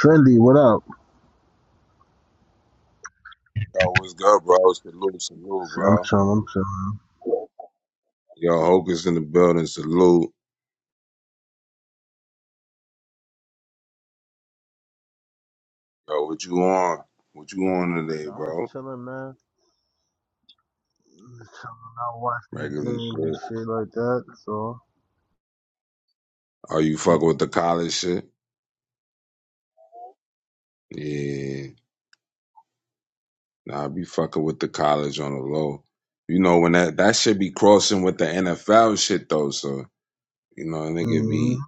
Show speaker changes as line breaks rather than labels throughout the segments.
Trendy, what up?
Yo, what's good, bro? Salute, salute,
Shit, I'm
bro.
chilling, I'm chilling.
Yo, Hocus in the building, salute. Yo, what you on? What you on today,
Shit, I'm just
bro?
chilling, man. Just chilling out, watch these
Regular
games
shit.
and shit like that. So,
Are you fucking with the college shit? Yeah. Nah, I be fucking with the college on the low. You know, when that, that shit be crossing with the NFL shit, though, so, you know, a nigga
mm-hmm.
be.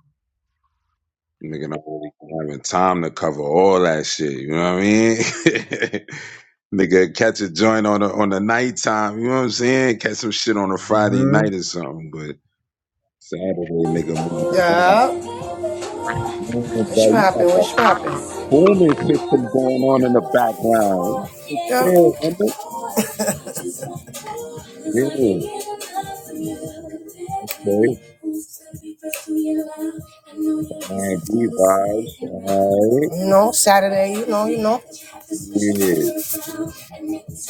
Nigga not really having time to cover all that shit. You know what I mean? Nigga catch a joint on the on the nighttime. You know what I'm saying? Catch some shit on a Friday
Mm-hmm.
night or something. But Saturday, nigga, moving around.
Yeah,
Man,
what's
bro, you
poppin'?
got that
What's poppin'?
booming system going on in the background. What the Yeah, nigga. Yeah. Okay. Man, B vibes.
Yup.
All right.
You know, Saturday, you know, you know.
Yeah.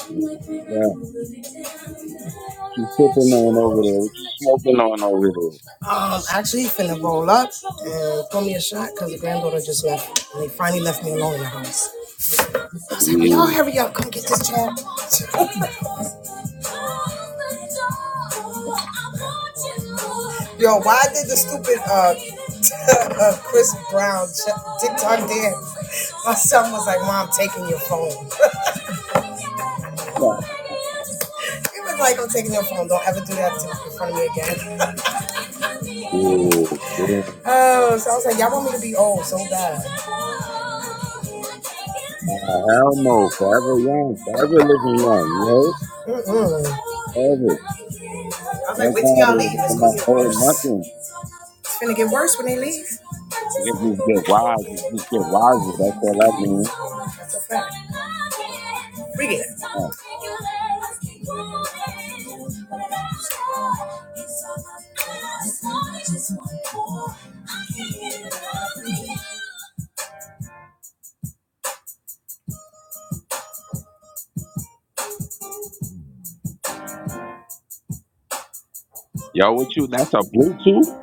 What you, what you sipping on over there? What you smoking on
Um, actually, finna roll up and pour me a shot because the granddaughter just left. And they finally left me alone in the house. I was
over
like, will y'all
there?
hurry up? Come get this chair. Yo, why did the stupid uh, Chris Brown TikTok dance? My son was like, Mom, I'm taking your phone.
Yeah.
He was like, I'm taking your phone. Don't ever do that in front of me again.
Oh, boy.
Oh, so I was like, y'all want me to be old so bad.
Nah, hell no. Forever young. Forever living young. You
Mm-mm.
heard? Forever.
I was like,
That's
wait till
how
y'all
it
leave.
is. I'm
It's gonna
not
get
old
worse.
nothing.
It's gonna get worse when they leave.
I guess just get wise. Just get wiser. That's all I mean.
That's a fact. Read
Yeah. Yo, what you? That's a Bluetooth?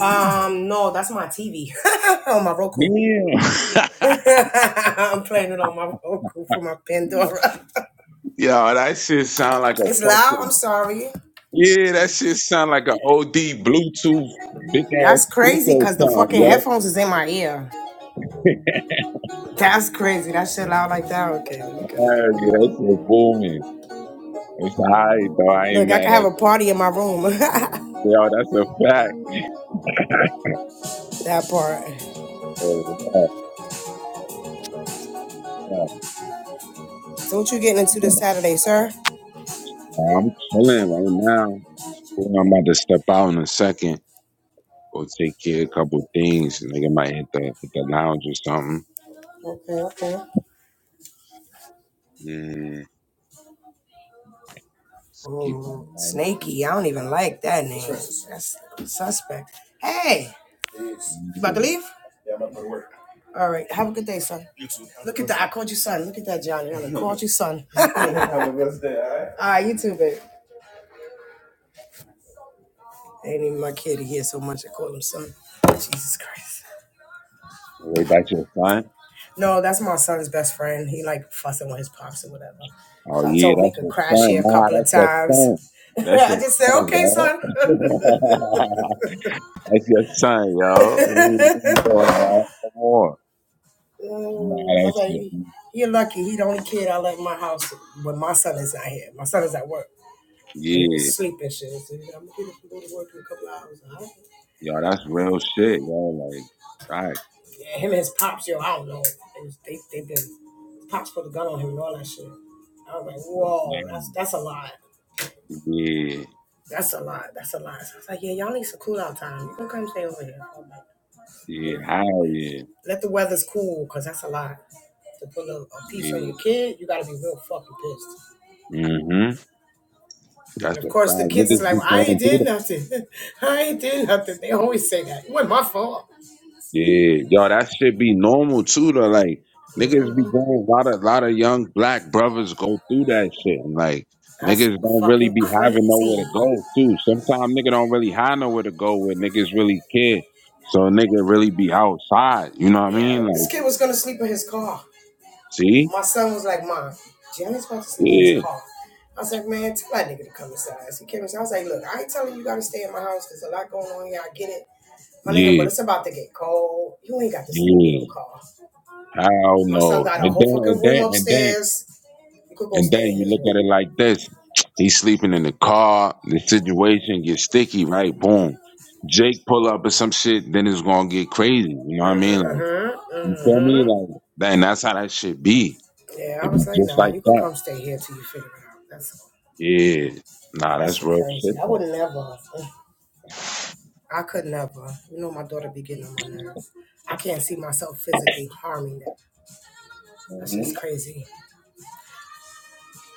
Um, no, that's my TV. on my Roku.
Yeah.
I'm playing it on my Roku for my Pandora.
Yo, that shit sound like a
It's loud.
fucking.
I'm sorry.
Yeah, that shit sound like a OD Bluetooth big
That's
ass
crazy
speaker
because the
sound,
fucking
yo.
headphones is in my ear. That's crazy. That shit loud like that. Okay, let me cut it
Hell yeah,
down.
that shit booming. It's high, though. I ain't
Look, I
mad
can have
at
a party in my room.
Yo, that's a fact.
that part.
Oh, yeah,
So what you getting into
yeah.
this Saturday, sir?
Nah, I'm chilling right now. Ooh, I'm about to step out in a second. Go take care of a couple things. Nigga might hit the hit the lounge or something.
Okay, okay.
Yeah. Keep in
Ooh,
mind.
snaky. I don't even like that name. That's suspect. Hey, Yes. you about to
Mm.
leave? Yeah, I'm about to work. All right. Have a good day, son. You too. Look at that. I called you son. Look at that, Johnny. I called you son. Have a good day. All right, All right, you too, babe. Ain't even my kid. He hears so much. I call him son. Jesus Christ.
Wait, that's your son?
No, that's my son's best friend. He like fussing with his pops or whatever.
Oh
So I
yeah,
told him he
that's
could
your
crash
son.
here a
Nah,
couple of
that's your
times.
son. That's
I
your
just said,
son,
okay,
yo.
son.
that's your son, yo. What are you doing, man? Come on. Nah,
Ooh, I
that
was
shit.
like, you're lucky. He the only kid I let in my house when my son is not here. My son is at work. Or He was
Yeah.
sleeping shit. So he's like, I'm gonna get up and go to work in a couple of hours. I don't-
Yo, that's real shit, yo. Like, right.
Yeah, him and his pops, yo, I don't know. They was they they been pops put a gun on him and all that shit. I was like, whoa, that's that's a lot.
Yeah.
That's a lot. That's a lot. So I was like, yeah, y'all need some cool out time. You can come stay over here. You
Yeah,
know,
hell yeah.
let the weather's cool because that's a lot. To put a, a piece on
Yeah.
your kid, you gotta be real fucking pissed.
Mm-hmm. That's
And of
a
course, the
fact.
kids is
Niggas
like,
be
well, I
going
ain't
through
did
that.
nothing. I ain't did nothing. They always say that. It wasn't my fault.
Yeah. Yo, that shit be normal too though. Like niggas be
Mhm.
going a lot of lot of young black brothers go through that shit. And like
That's
niggas don't really
fucking
be having
crazy.
nowhere to go too. Sometimes nigga don't really have nowhere to go where niggas really care. So nigga really be outside. You know what I
Yeah,
mean?
this
Like,
kid was gonna sleep in his car.
see?
My son was like, Mom, Jimmy's about to sleep in his
Yeah.
car. I was like, man, tell that nigga to come inside. He came inside. I was like, look, I ain't telling you you gotta stay in my house. There's a lot going on here. I get it. My nigga,
Yeah.
but it's about to get cold. You ain't got to sleep in your
Yeah.
car.
Hell
My son
no.
got a
And
whole
then
fucking
and
room
then and then
upstairs. You could go
And then
stay in
you
his
look at
room.
it like this. He's sleeping in the car. The situation gets sticky, right? Boom. Jake pull up or some shit, then it's gonna get crazy. You know what I mean? Like
Mm-hmm.
you feel me?
Mm-hmm.
Like then that's how that shit be.
Yeah, I
It be
was like,
just
nah,
like
you could
that.
come stay here till you figure it out. That's
Yeah.
all.
Nah,
That
that's
shit
real
crazy.
shit
I would
though.
never. I could never. You know my daughter be getting on my nerves. I can't see myself physically harming that. That's
hmm
just crazy.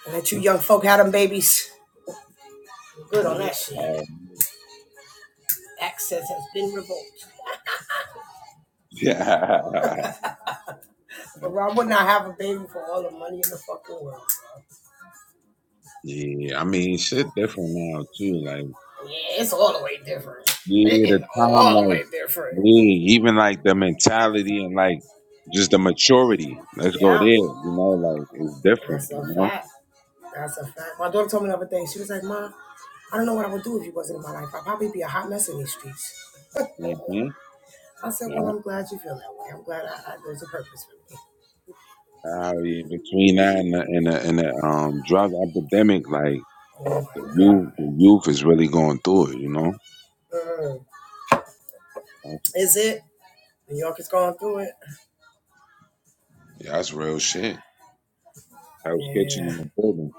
And that you young folk had them babies. Good on that shit.
Um,
Access has been revoked.
yeah.
But I would not have a baby for all the money in the fucking world.
Yeah. I mean shit different now too. Like
Yeah, it's all the way different.
yeah,
It
the
is
time
all the
like
way different.
Yeah, even like the mentality and like just the maturity. Let's go there.
Yeah,
You know, like it's different.
that's
You
a
know.
fact. That's a fact. My daughter told me the other day. She was like, "Mom, I don't know what I would do if you wasn't in my life. I'd probably be a hot mess in these streets."
hmm
I said, "Well,
Yeah.
I'm glad you feel that way. I'm glad I, I, there's a purpose for me."
Uh, yeah, between that and the, and the, and the um drug epidemic, like
Oh my
the
god.
youth, the youth is really going through it. You know.
Mm.
That's,
Is it? New York is going through it.
that's real shit. I was sketching
Yeah.
in the building.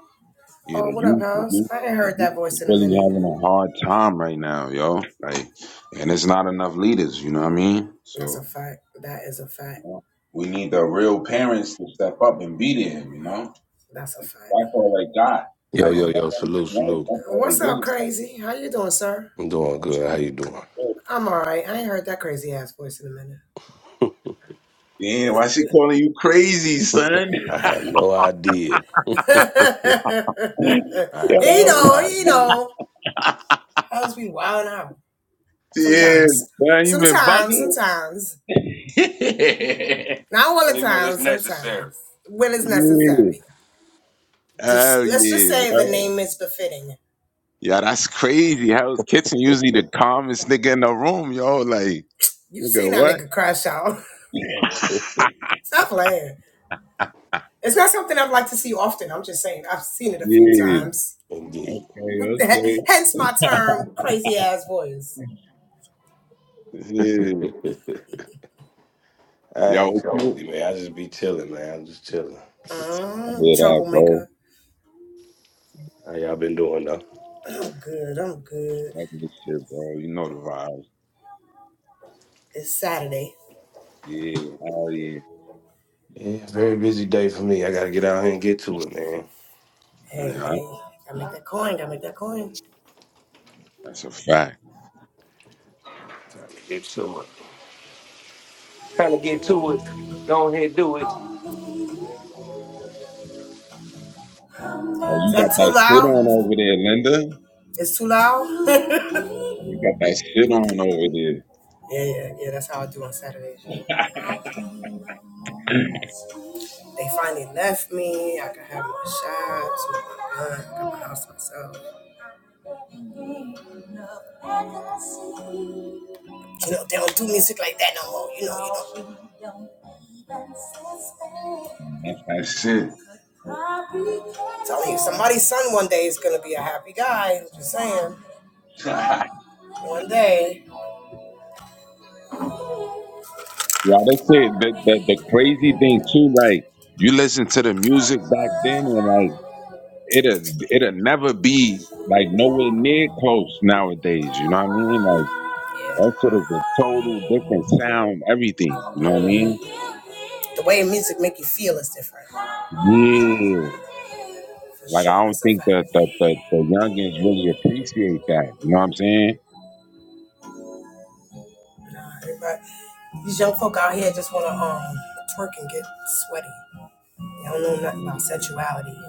Yeah,
Oh,
the
what up,
youth, the
house?
youth.
I ain't
The
heard that
youth is
voice in a
really
minute.
having a hard time right now, yo. Like, and it's not enough leaders. You know what I mean?
That's
So.
a fact. That is a fact.
We need the real parents to step up and be there, you know?
That's a fact.
That's all they got.
Yo,
Like,
yo,
Oh.
fuck
yo,
them,
salute, salute.
they
What's up,
really- fuck
crazy? How you doing, sir?
I'm doing good. How
them.
you doing?
I'm all right. I ain't heard that crazy ass voice in a minute.
Damn, why she calling you crazy, son?
I have no idea. I have
he
no
know, he
idea.
know. How's we wild out
Yeah,
sometimes,
man, you been
sometimes,
bugging?
sometimes. Not all the
Only when it's
time.
necessary.
Sometimes when it's
Yeah.
necessary.
Oh
Just let's just
yeah.
say the name is befitting.
Yeah, that's crazy. Hell's Kitchen usually the calmest nigga in the room, yo. Like,
You've
nigga,
seen that
what?
nigga crash out.
yeah.
Stop playing. It's not something I'd like to see often. I'm just saying I've seen it a few times.
Indeed.
Hey, okay.
Hence my term, crazy ass voice.
Yeah.
I
Yo,
ain't
what you-
crazy, man. I just be chilling, man. I'm just chilling.
I
Uh,
hear that, bro.
troublemaker.
How y'all been doing, though?
I'm good. I'm good.
Like this shit, bro. You know the vibes.
It's Saturday.
Yeah.
Yeah, very busy day for me. I gotta get out here and get to it, man.
Hey,
Yeah,
hey. Gotta make that coin. Gotta make that coin. Is
that's a fact.
Get to it. Trying to get to it. Go ahead, do it.
Oh, you got
that too
that shit on
loud?
over there, Linda.
It's too
You
loud?
got that shit on over there.
Yeah, yeah, yeah. That's how I do on Saturdays. You know, They finally left me. I could have my shots, my gun, I got my house to myself. You know, they don't do music like that no more. You know, you know.
That's that shit.
Telling you, somebody's son one day is gonna be a happy guy. I'm just saying.
yeah,
One day.
that's it. The, the, the crazy thing too, like you listen to the music back then, and like it'll it'll never be like nowhere close nowadays. You know what I mean? Like that shit is a total different sound. Everything. You know what I mean?
The way music make you feel is different.
Yeah.
For
Like
sure,
I don't
that's a
think
fact.
that the the, the youngins really appreciate that. You know what I'm
Nah, everybody, these young folk out here just wanna um twerk and get sweaty. They don't know nothing
saying?
about sexuality.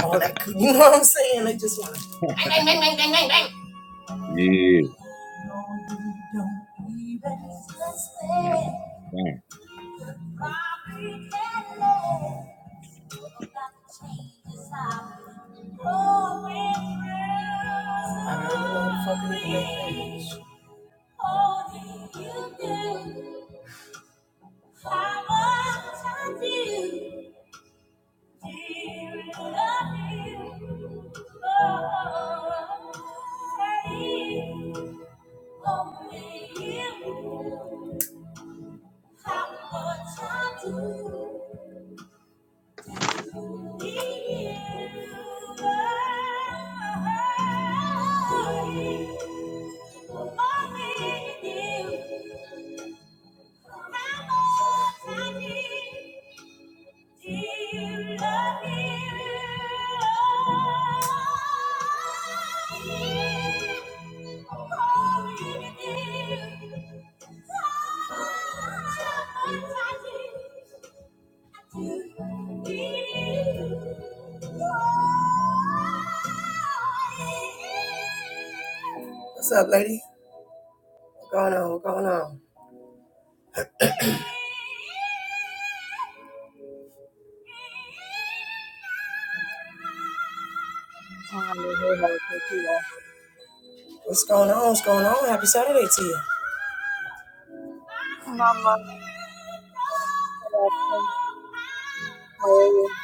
all that, coo- you know what I'm saying? They just want to.
Yeah.
Only you. How much I do, do need you. Only you. How How much much I I do, do love you. you. you. Only need you. What's up, lady? What's going on? What's going on?
Hallelujah. Thank you, Lord.
What's going on? What's going on? Happy Saturday to you.
Mama, welcome. How are you?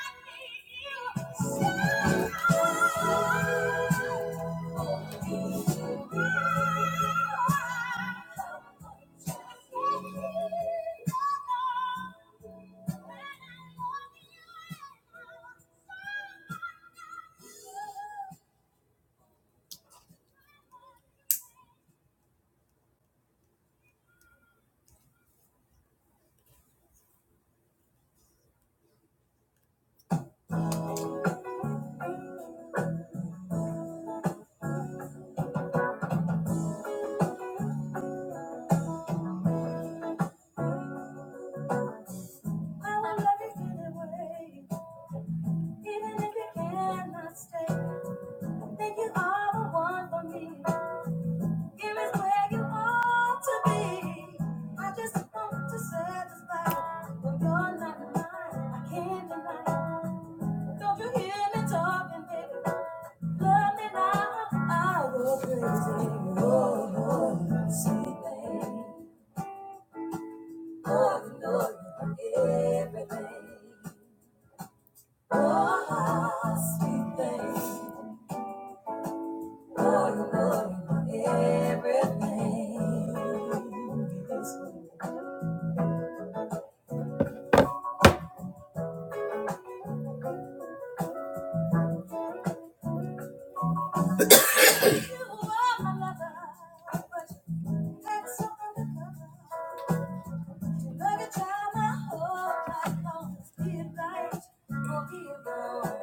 I just want to satisfy, but you're not mine. I can't deny. Don't you hear me talking, baby? Love me now, I go crazy. Oh, oh, sweet thing. Oh, you know you're everything. Oh, ah, sweet thing. Oh, you know you're everything. You are my lover, but you had something to cover. Look at how my whole life always feel right or feel wrong.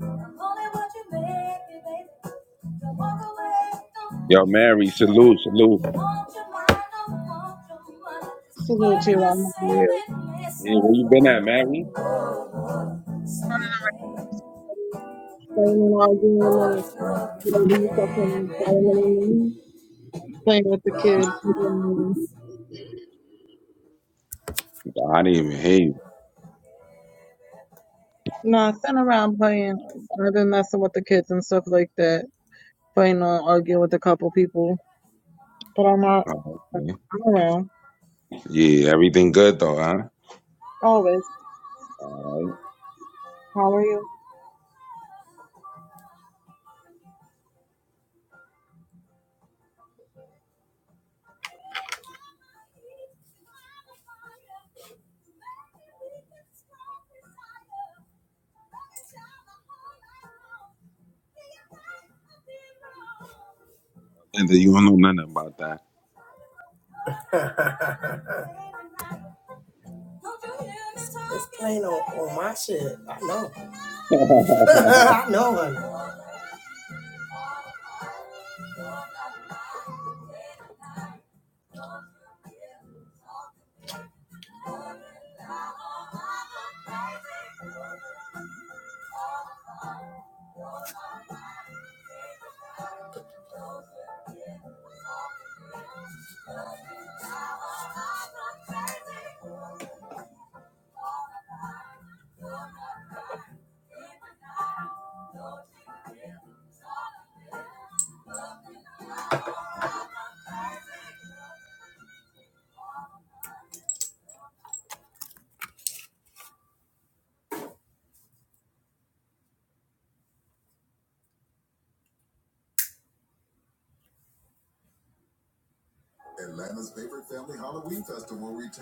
I'm only what you make me, baby. Don't walk away, don't
Yo,
be so
Mary, salute, salute.
shaken. Won't your mind, do want your money. These
Salute you,
words I
Mama. How are
say,
you?
they miss
Hey,
out
where you
for
been at,
the
Mary?
world. Oh, you.
Playing and arguing on
Oh,
you? baby fucking
everything.
violin. Playing with the kids.
Oh,
I didn't even hear you.
No, sitting around playing. I've been messing with the kids and stuff like that. Playing on arguing with a couple people. But I'm not,
Oh, okay.
I'm around.
Yeah, everything good though, huh?
Always.
All right.
How are you?
And then you don't know nothing about that.
it's playing on, on my shit. I know. I know, honey. Atlanta's favorite family Halloween festival returns.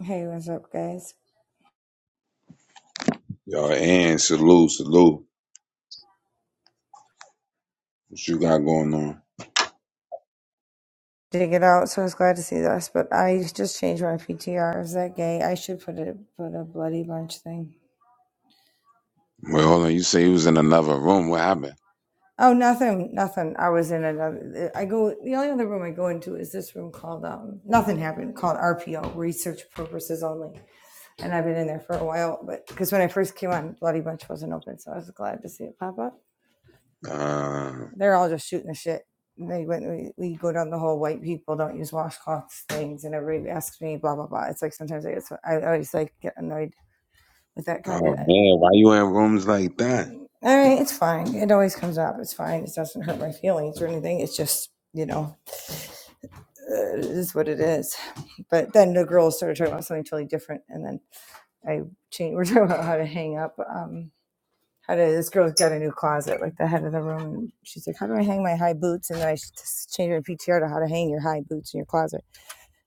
Hey, what's up, guys?
Yo, and salute, salute. What you got going on?
Didn't get out, so I was glad to see this. But I just changed my PTR. Is that gay? I should put a put a bloody bunch thing.
Wait, hold on. You say you was in another room. What happened?
Oh, nothing, nothing. I was in another. I go. The only other room I go into is this room called um. Nothing happened. Called RPO, research purposes only. And I've been in there for a while, but because when I first came on, bloody bunch wasn't open, so I was glad to see it pop up.
Uh,
They're all just shooting the shit. And They went. We, we go down the whole white people don't use washcloths things, and everybody asks me blah blah blah. It's like sometimes I get so, I always like get annoyed with that
oh
conversation.
man, why you in rooms like that?
All right, it's fine. It always comes up. It's fine. It doesn't hurt my feelings or anything. It's just you know, uh, it is what it is. But then the girls started talking about something totally different, and then I changed. We're talking about how to hang up. Um. how to this girl's got a new closet like the head of the room she's like how do i hang my high boots and then i just changed her ptr to how to hang your high boots in your closet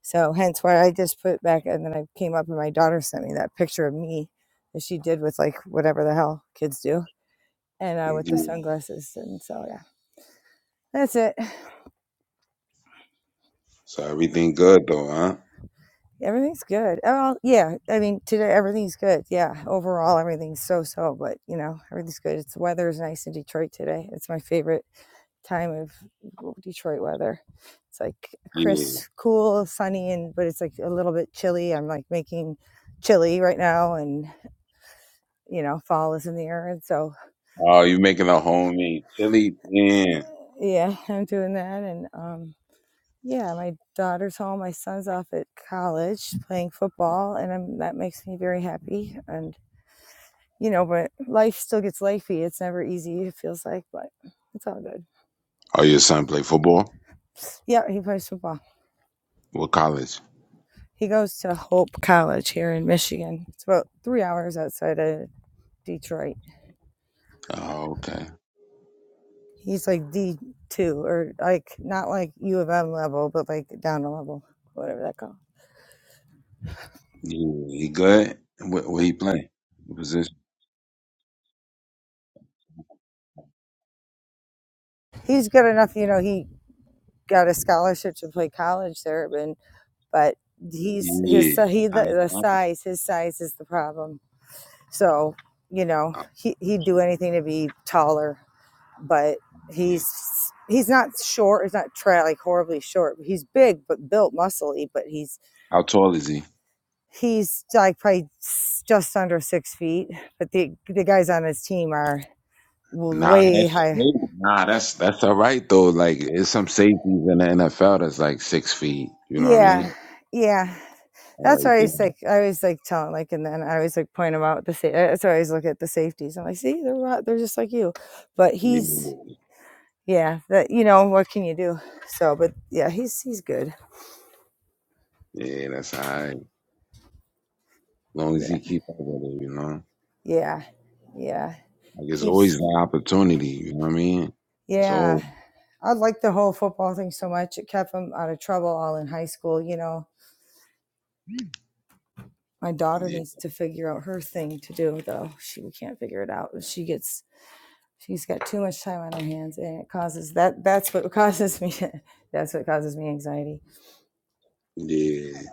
so hence why i just put back and then i came up and my daughter sent me that picture of me that she did with like whatever the hell kids do and uh,
Yeah.
with the sunglasses and so yeah that's it
So everything good though, huh?
everything's good oh well, yeah i mean today everything's good yeah overall everything's so so but you know everything's good it's the weather is nice in detroit today it's my favorite time of Detroit weather. It's like
Yeah.
crisp, cool, sunny, and but it's like a little bit chilly. I'm like making chili right now, and you know, fall is in the air. And so,
Oh, you making a homemade chili? Yeah.
yeah, I'm doing that. And um, yeah, my daughter's home. My son's off at college playing football, and I'm, that makes me very happy. And you know, but life still gets lifey. It's never easy. It feels like, but it's all good.
Oh, your son play football?
Yeah, he plays football.
What college?
He goes to Hope College here in Michigan. It's about three hours outside of Detroit.
Oh, okay.
He's like D two or like not like U of M level, but like down a level, whatever that called.
Yeah, he good. What, what he playing? What position?
He's good enough, you know. He got a scholarship to play college there, but but he's his
Yeah.
si- he
Nah,
the,
that's
the
not-
size his size is the problem. So, you know,
oh,
he, he'd do anything to be taller, but he's
yeah.
he's not short. He's not tra- like horribly short. He's big, but built muscly. But he's
How tall is he?
he's like probably just under six feet. But the the guys on his team are
Nah,
way
that's
high.
nah, that's that's all right though. Like, it's some safeties in the NFL that's like six feet. You know what I
Yeah,
mean?
yeah. That's
Right
why I
there.
was like, I was like telling, like, and then I always like point him out. The sa- that's why I always look at the safeties. I'm like, see, they're they're just like you, but he's yeah that you know what can you do so but yeah he's he's good
Yeah, yeah, that's all right. As long as
yeah
he keep up with it, you know.
yeah yeah
Like, it's
keeps
always an opportunity. You know what I mean? It's
yeah
all
i like the whole football thing so much it kept him out of trouble all in high school you know my daughter
yeah,
needs to figure out her thing to do though she we can't figure it out she gets she's got too much time on her hands and it causes that that's what causes me that's what causes me anxiety
yeah.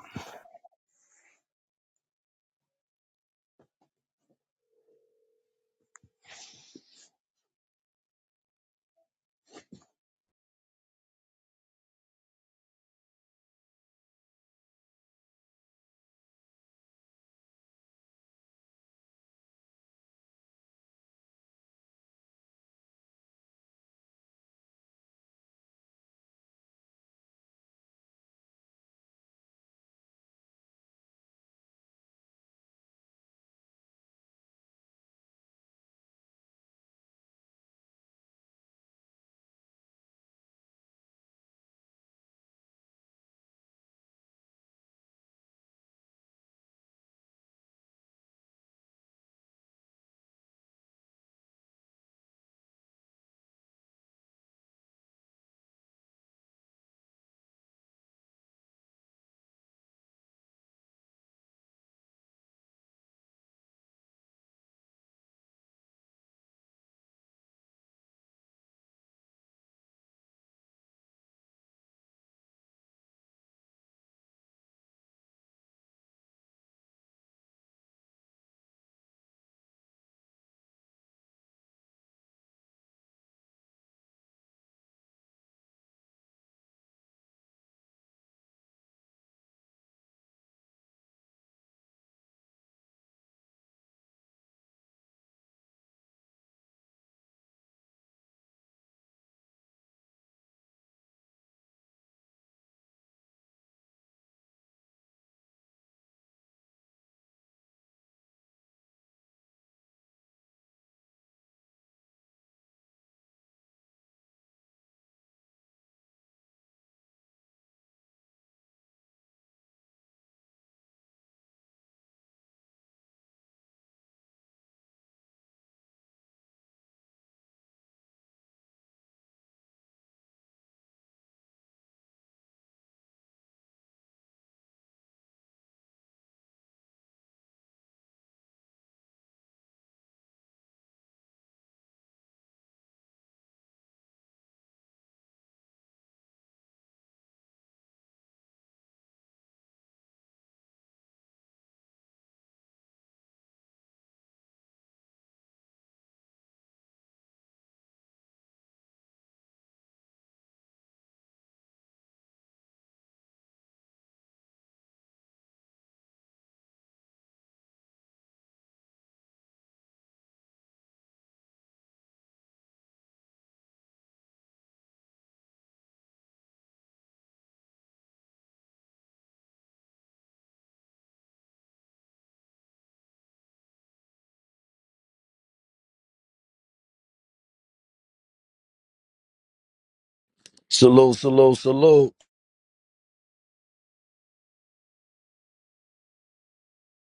Salute, salute, salute.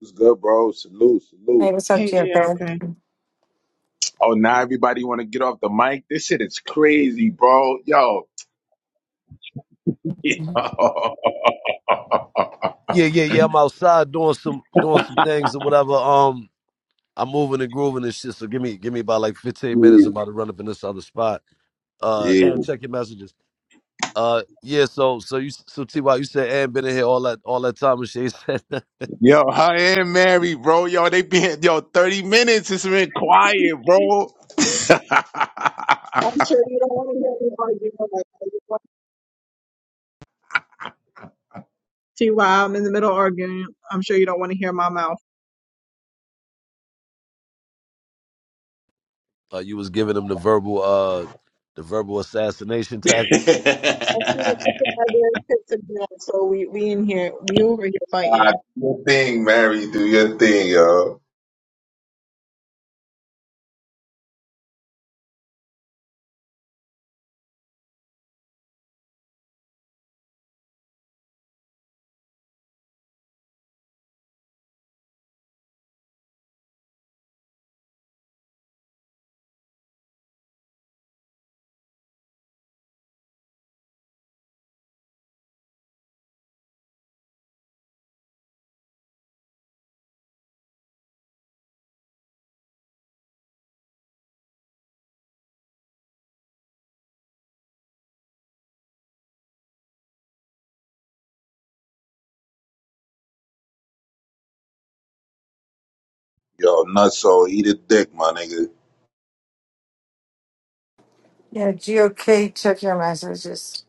It's good, bro. Salute, salute.
Hey, what's
Hey, G, okay.
Oh, now everybody want to get off the mic. This shit is crazy, bro. Yo,
up?
yo,
Yeah, yeah, yeah. I'm outside doing some doing some things or whatever. Um, I'm moving and grooving and shit. So give me give me about like 15 minutes. I'm about to run up in this other spot. Uh,
yeah.
and check your messages. Uh, yeah. So so you so Ty, you said and been in here all that all that time and shit. He said that.
Yo, her and Mary, bro. Yo, they been yo thirty minutes. It's been quiet, bro.
I'm sure you don't want to hear me arguing. Like, that. see why I'm in the middle of arguing. I'm sure you don't want to hear my mouth.
uh, you was giving him the verbal uh the verbal assassination tactics.
I see the picture of the kids and all, So we we in here, we over here fighting.
Ah, do your thing, Mary. Do your thing, yo. Yo, nutso, eat a dick, my nigga.
Yeah, GOK took your messages.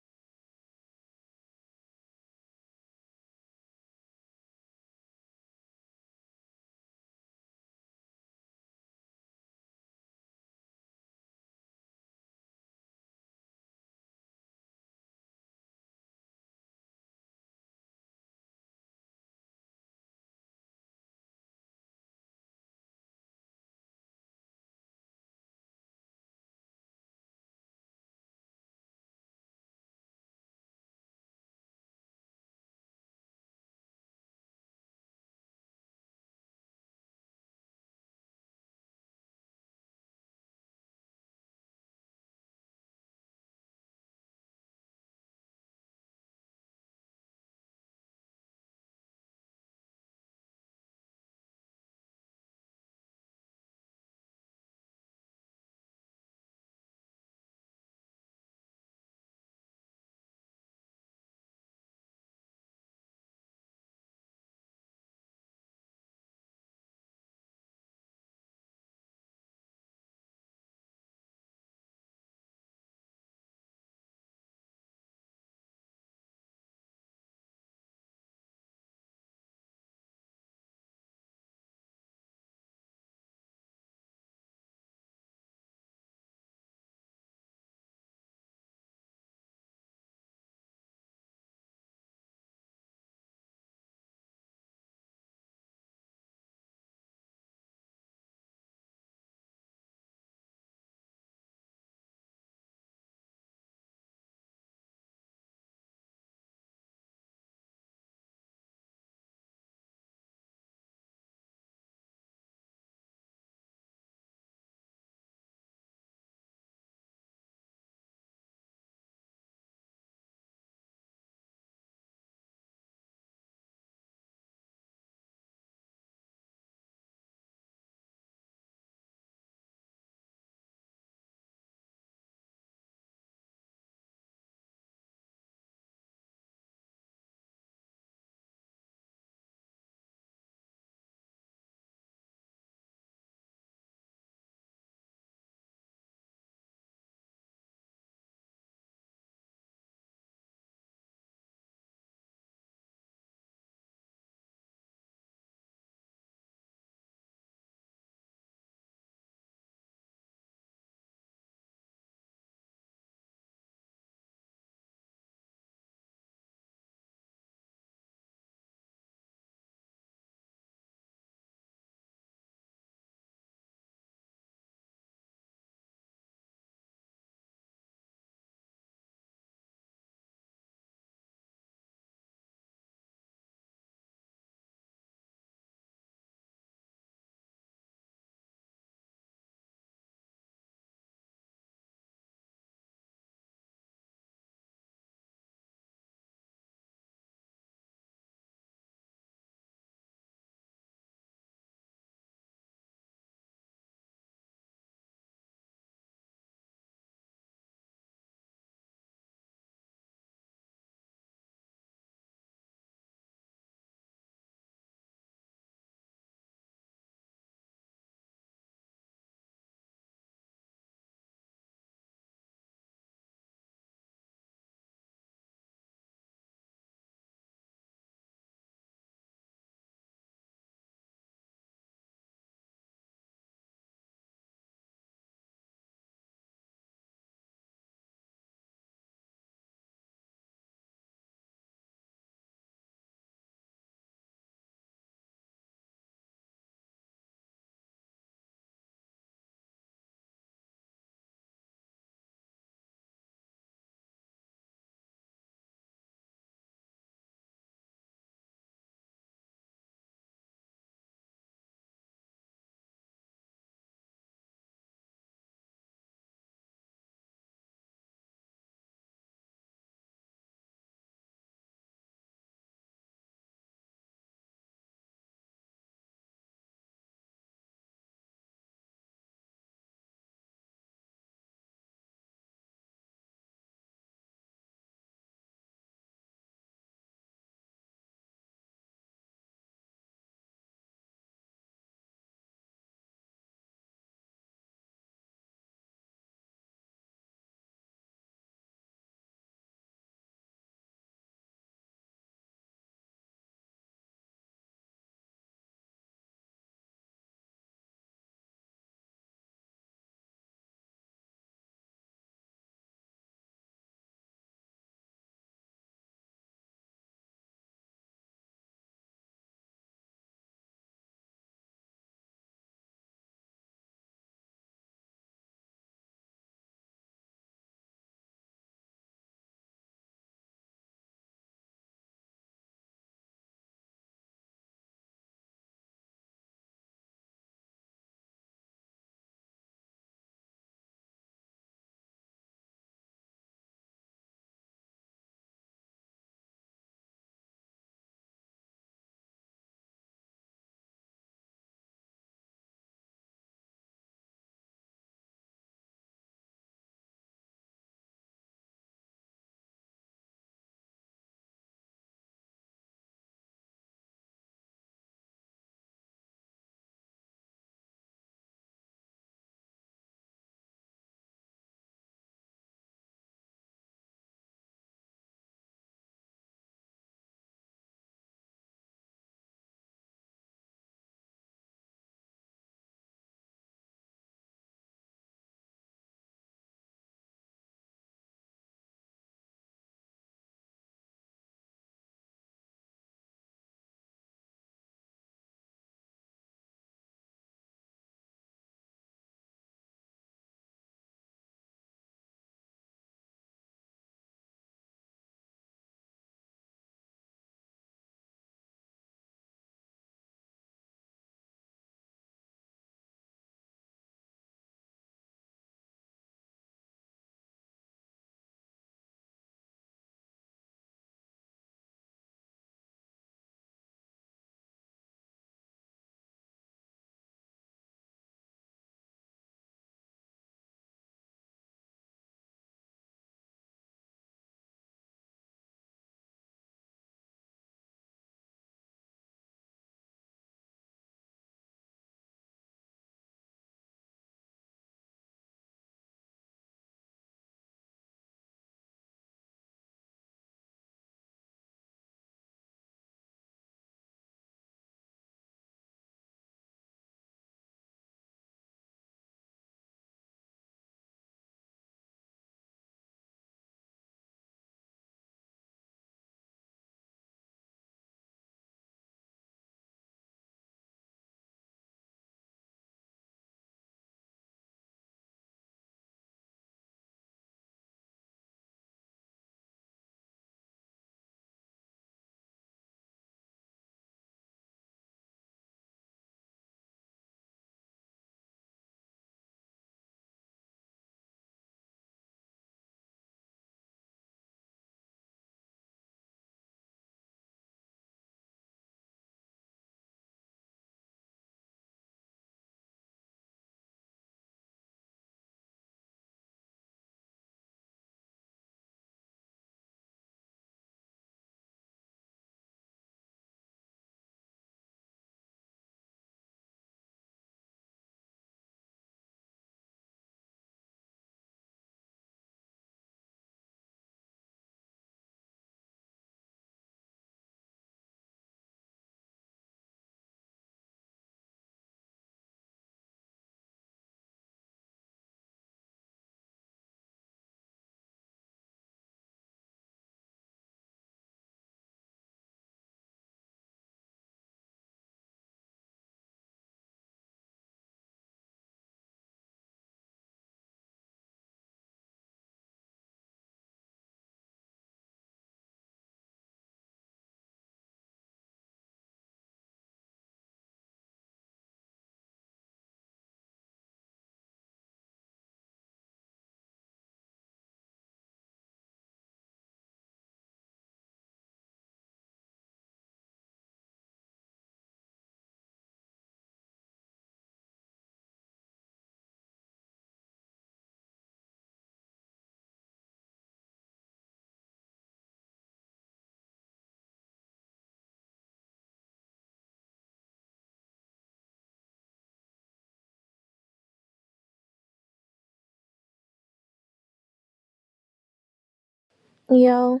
Yo,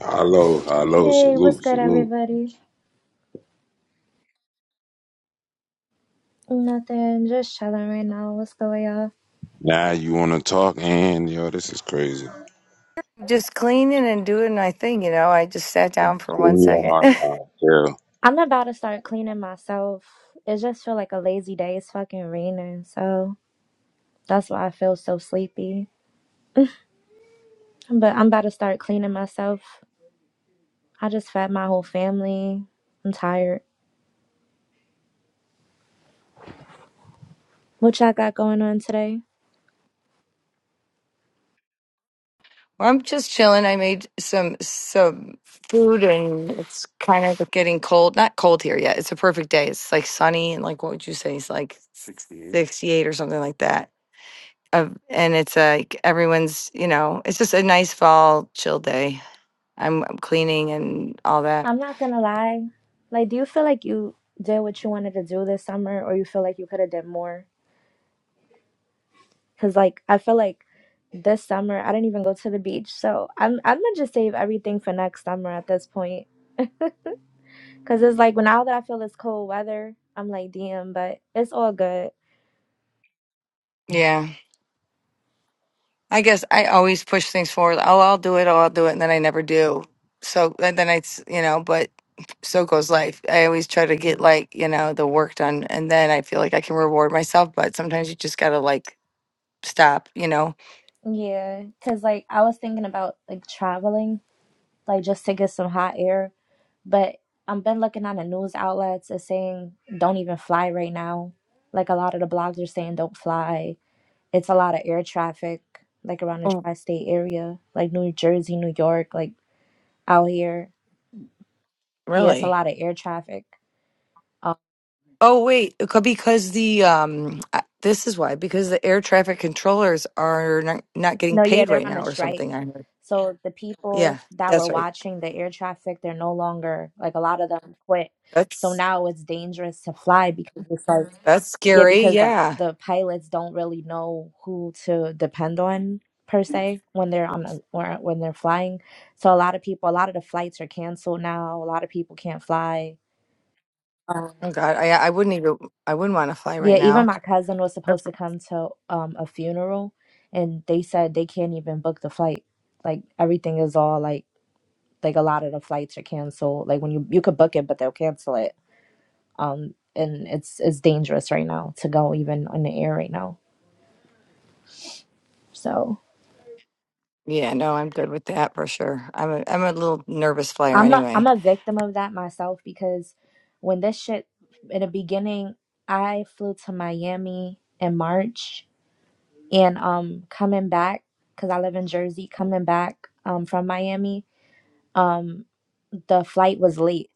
Hello, hello,
hey,
salute,
what's good,
salute.
everybody? Nothing, just chilling right now. What's going on?
Now you want to talk, and yo, this is crazy.
Just cleaning and doing my thing, you know. I just sat down for
Give
one
me a hard
second.
time,
I'm about to start cleaning myself. It just feel like a lazy day. It's fucking raining, so that's why I feel so sleepy. But I'm about to start cleaning myself. I just fed my whole family. I'm tired. What y'all got going on today?
Well, I'm just chilling. I made some some food and it's kind of getting cold. Not cold here yet. It's a perfect day. It's like sunny and like what would you say? It's like 68, sixty-eight or something like that. Um, and it's like everyone's, you know, it's just a nice fall chill day. I'm, I'm cleaning and all that.
I'm not gonna lie. Like, do you feel like you did what you wanted to do this summer, or you feel like you could have did more? Cause like I feel like this summer I didn't even go to the beach, so I'm I'm gonna just save everything for next summer at this point. Cause it's like when now that I feel this cold weather, I'm like damn, but it's all good.
Yeah. I guess I always push things forward. Oh, I'll do it. Oh, I'll do it, and then I never do. So and then I, s- you know, but so goes life. I always try to get like you know the work done, and then I feel like I can reward myself. But sometimes you just gotta like stop, you know.
Yeah, cause like I was thinking about like traveling, like just to get some hot air, but I've been looking on the news outlets It's saying don't even fly right now. Like a lot of the blogs are saying don't fly. It's a lot of air traffic like around the
Oh,
tri-state area, like New Jersey, New York, like out here. Yes, a
really?
lot of air traffic. Uh,
Oh, wait, it could- because the um, I- this is why because the air traffic controllers are not, not getting
no, yeah,
paid right
they're on a
now or
strike.
something. I heard.
So the
Yeah,
people that were
that's right.
watching the air traffic, they're no longer like a lot of them quit. So
That's
now it's dangerous to fly because it's like
that's
yeah,
scary.
because the
Yeah.
the pilots don't really know who to depend on per se when they're on a, or when they're flying. So a lot of people, a lot of the flights are canceled now. A lot of people can't fly. Um,
Oh God, I I wouldn't even I wouldn't want to fly right
Yeah, even
now.
my cousin was
That's
supposed to come to um a funeral and they said they can't even book the flight. Like everything is all like like a lot of the flights are canceled. Like when you you could book it but they'll cancel it. Um and it's it's dangerous right now to go even on the air right now. So
Yeah, no, I'm good with that for sure. I'm a I'm a little nervous flyer
I'm a I'm
anyway.
a victim of that myself because when this shit in the beginning I flew to Miami in March and um coming back because I live in Jersey, coming back um from Miami um the flight was late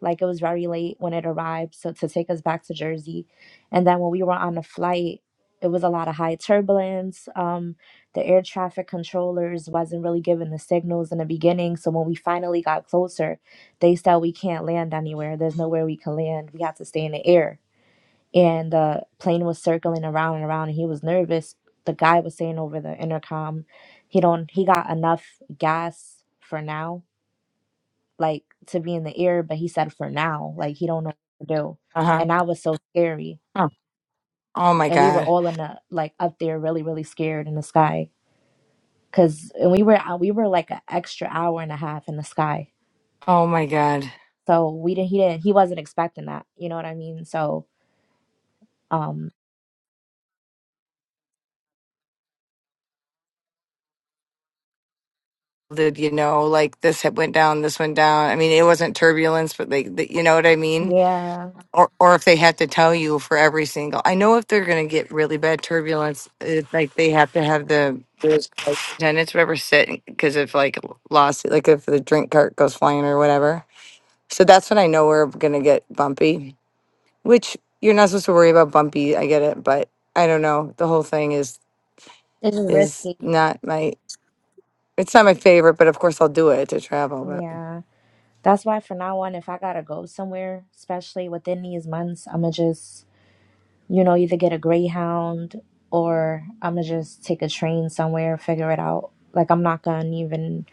like it was very late when it arrived so to take us back to jersey and then when we were on the flight it was a lot of high turbulence um the air traffic controllers wasn't really giving the signals in the beginning so when we finally got closer they said we can't land anywhere there's nowhere we can land we have to stay in the air and the plane was circling around and around and he was nervous the guy was saying over the intercom he don't he got enough gas for now like to be in the air, but he said for now, like he don't know what to do.
Uh huh.
And I was so scary.
Oh. oh my
And we were
God.
all in the like up there, really, really scared in the sky, cause and we were out- we were like an extra hour and a half in the sky.
Oh my God.
So we didn't he didn't he wasn't expecting that. You know what I mean? So um
Did you know like this had went down, this went down? I mean, it wasn't turbulence, but like the, you know what I mean.
yeah,
Or or if they had to tell you for every single, I know if they're gonna get really bad turbulence, it's like they have to have the those flight attendants whatever sit because if like lost, like if the drink cart goes flying or whatever. So that's when I know we're gonna get bumpy, which you're not supposed to worry about bumpy. I get it, but I don't know. The whole thing is
it's just
is
risky.
not my. It's not my favorite, but of course I'll do it to travel. But
Yeah, that's why for now on, if I gotta go somewhere, especially within these months, I'ma just you know, either get a Greyhound or I'm gonna just take a train somewhere and figure it out. Like, I'm not gonna even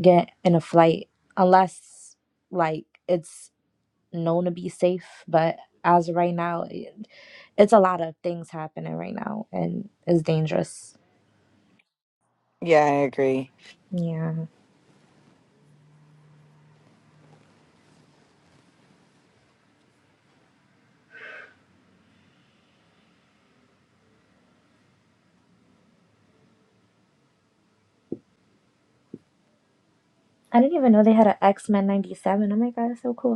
get in a flight unless, like, it's known to be safe. But as of right now, it, it's a lot of things happening right now and it's dangerous.
yeah, I agree.
Yeah. I didn't even know they had an X Men 97. Oh my God, that's so cool.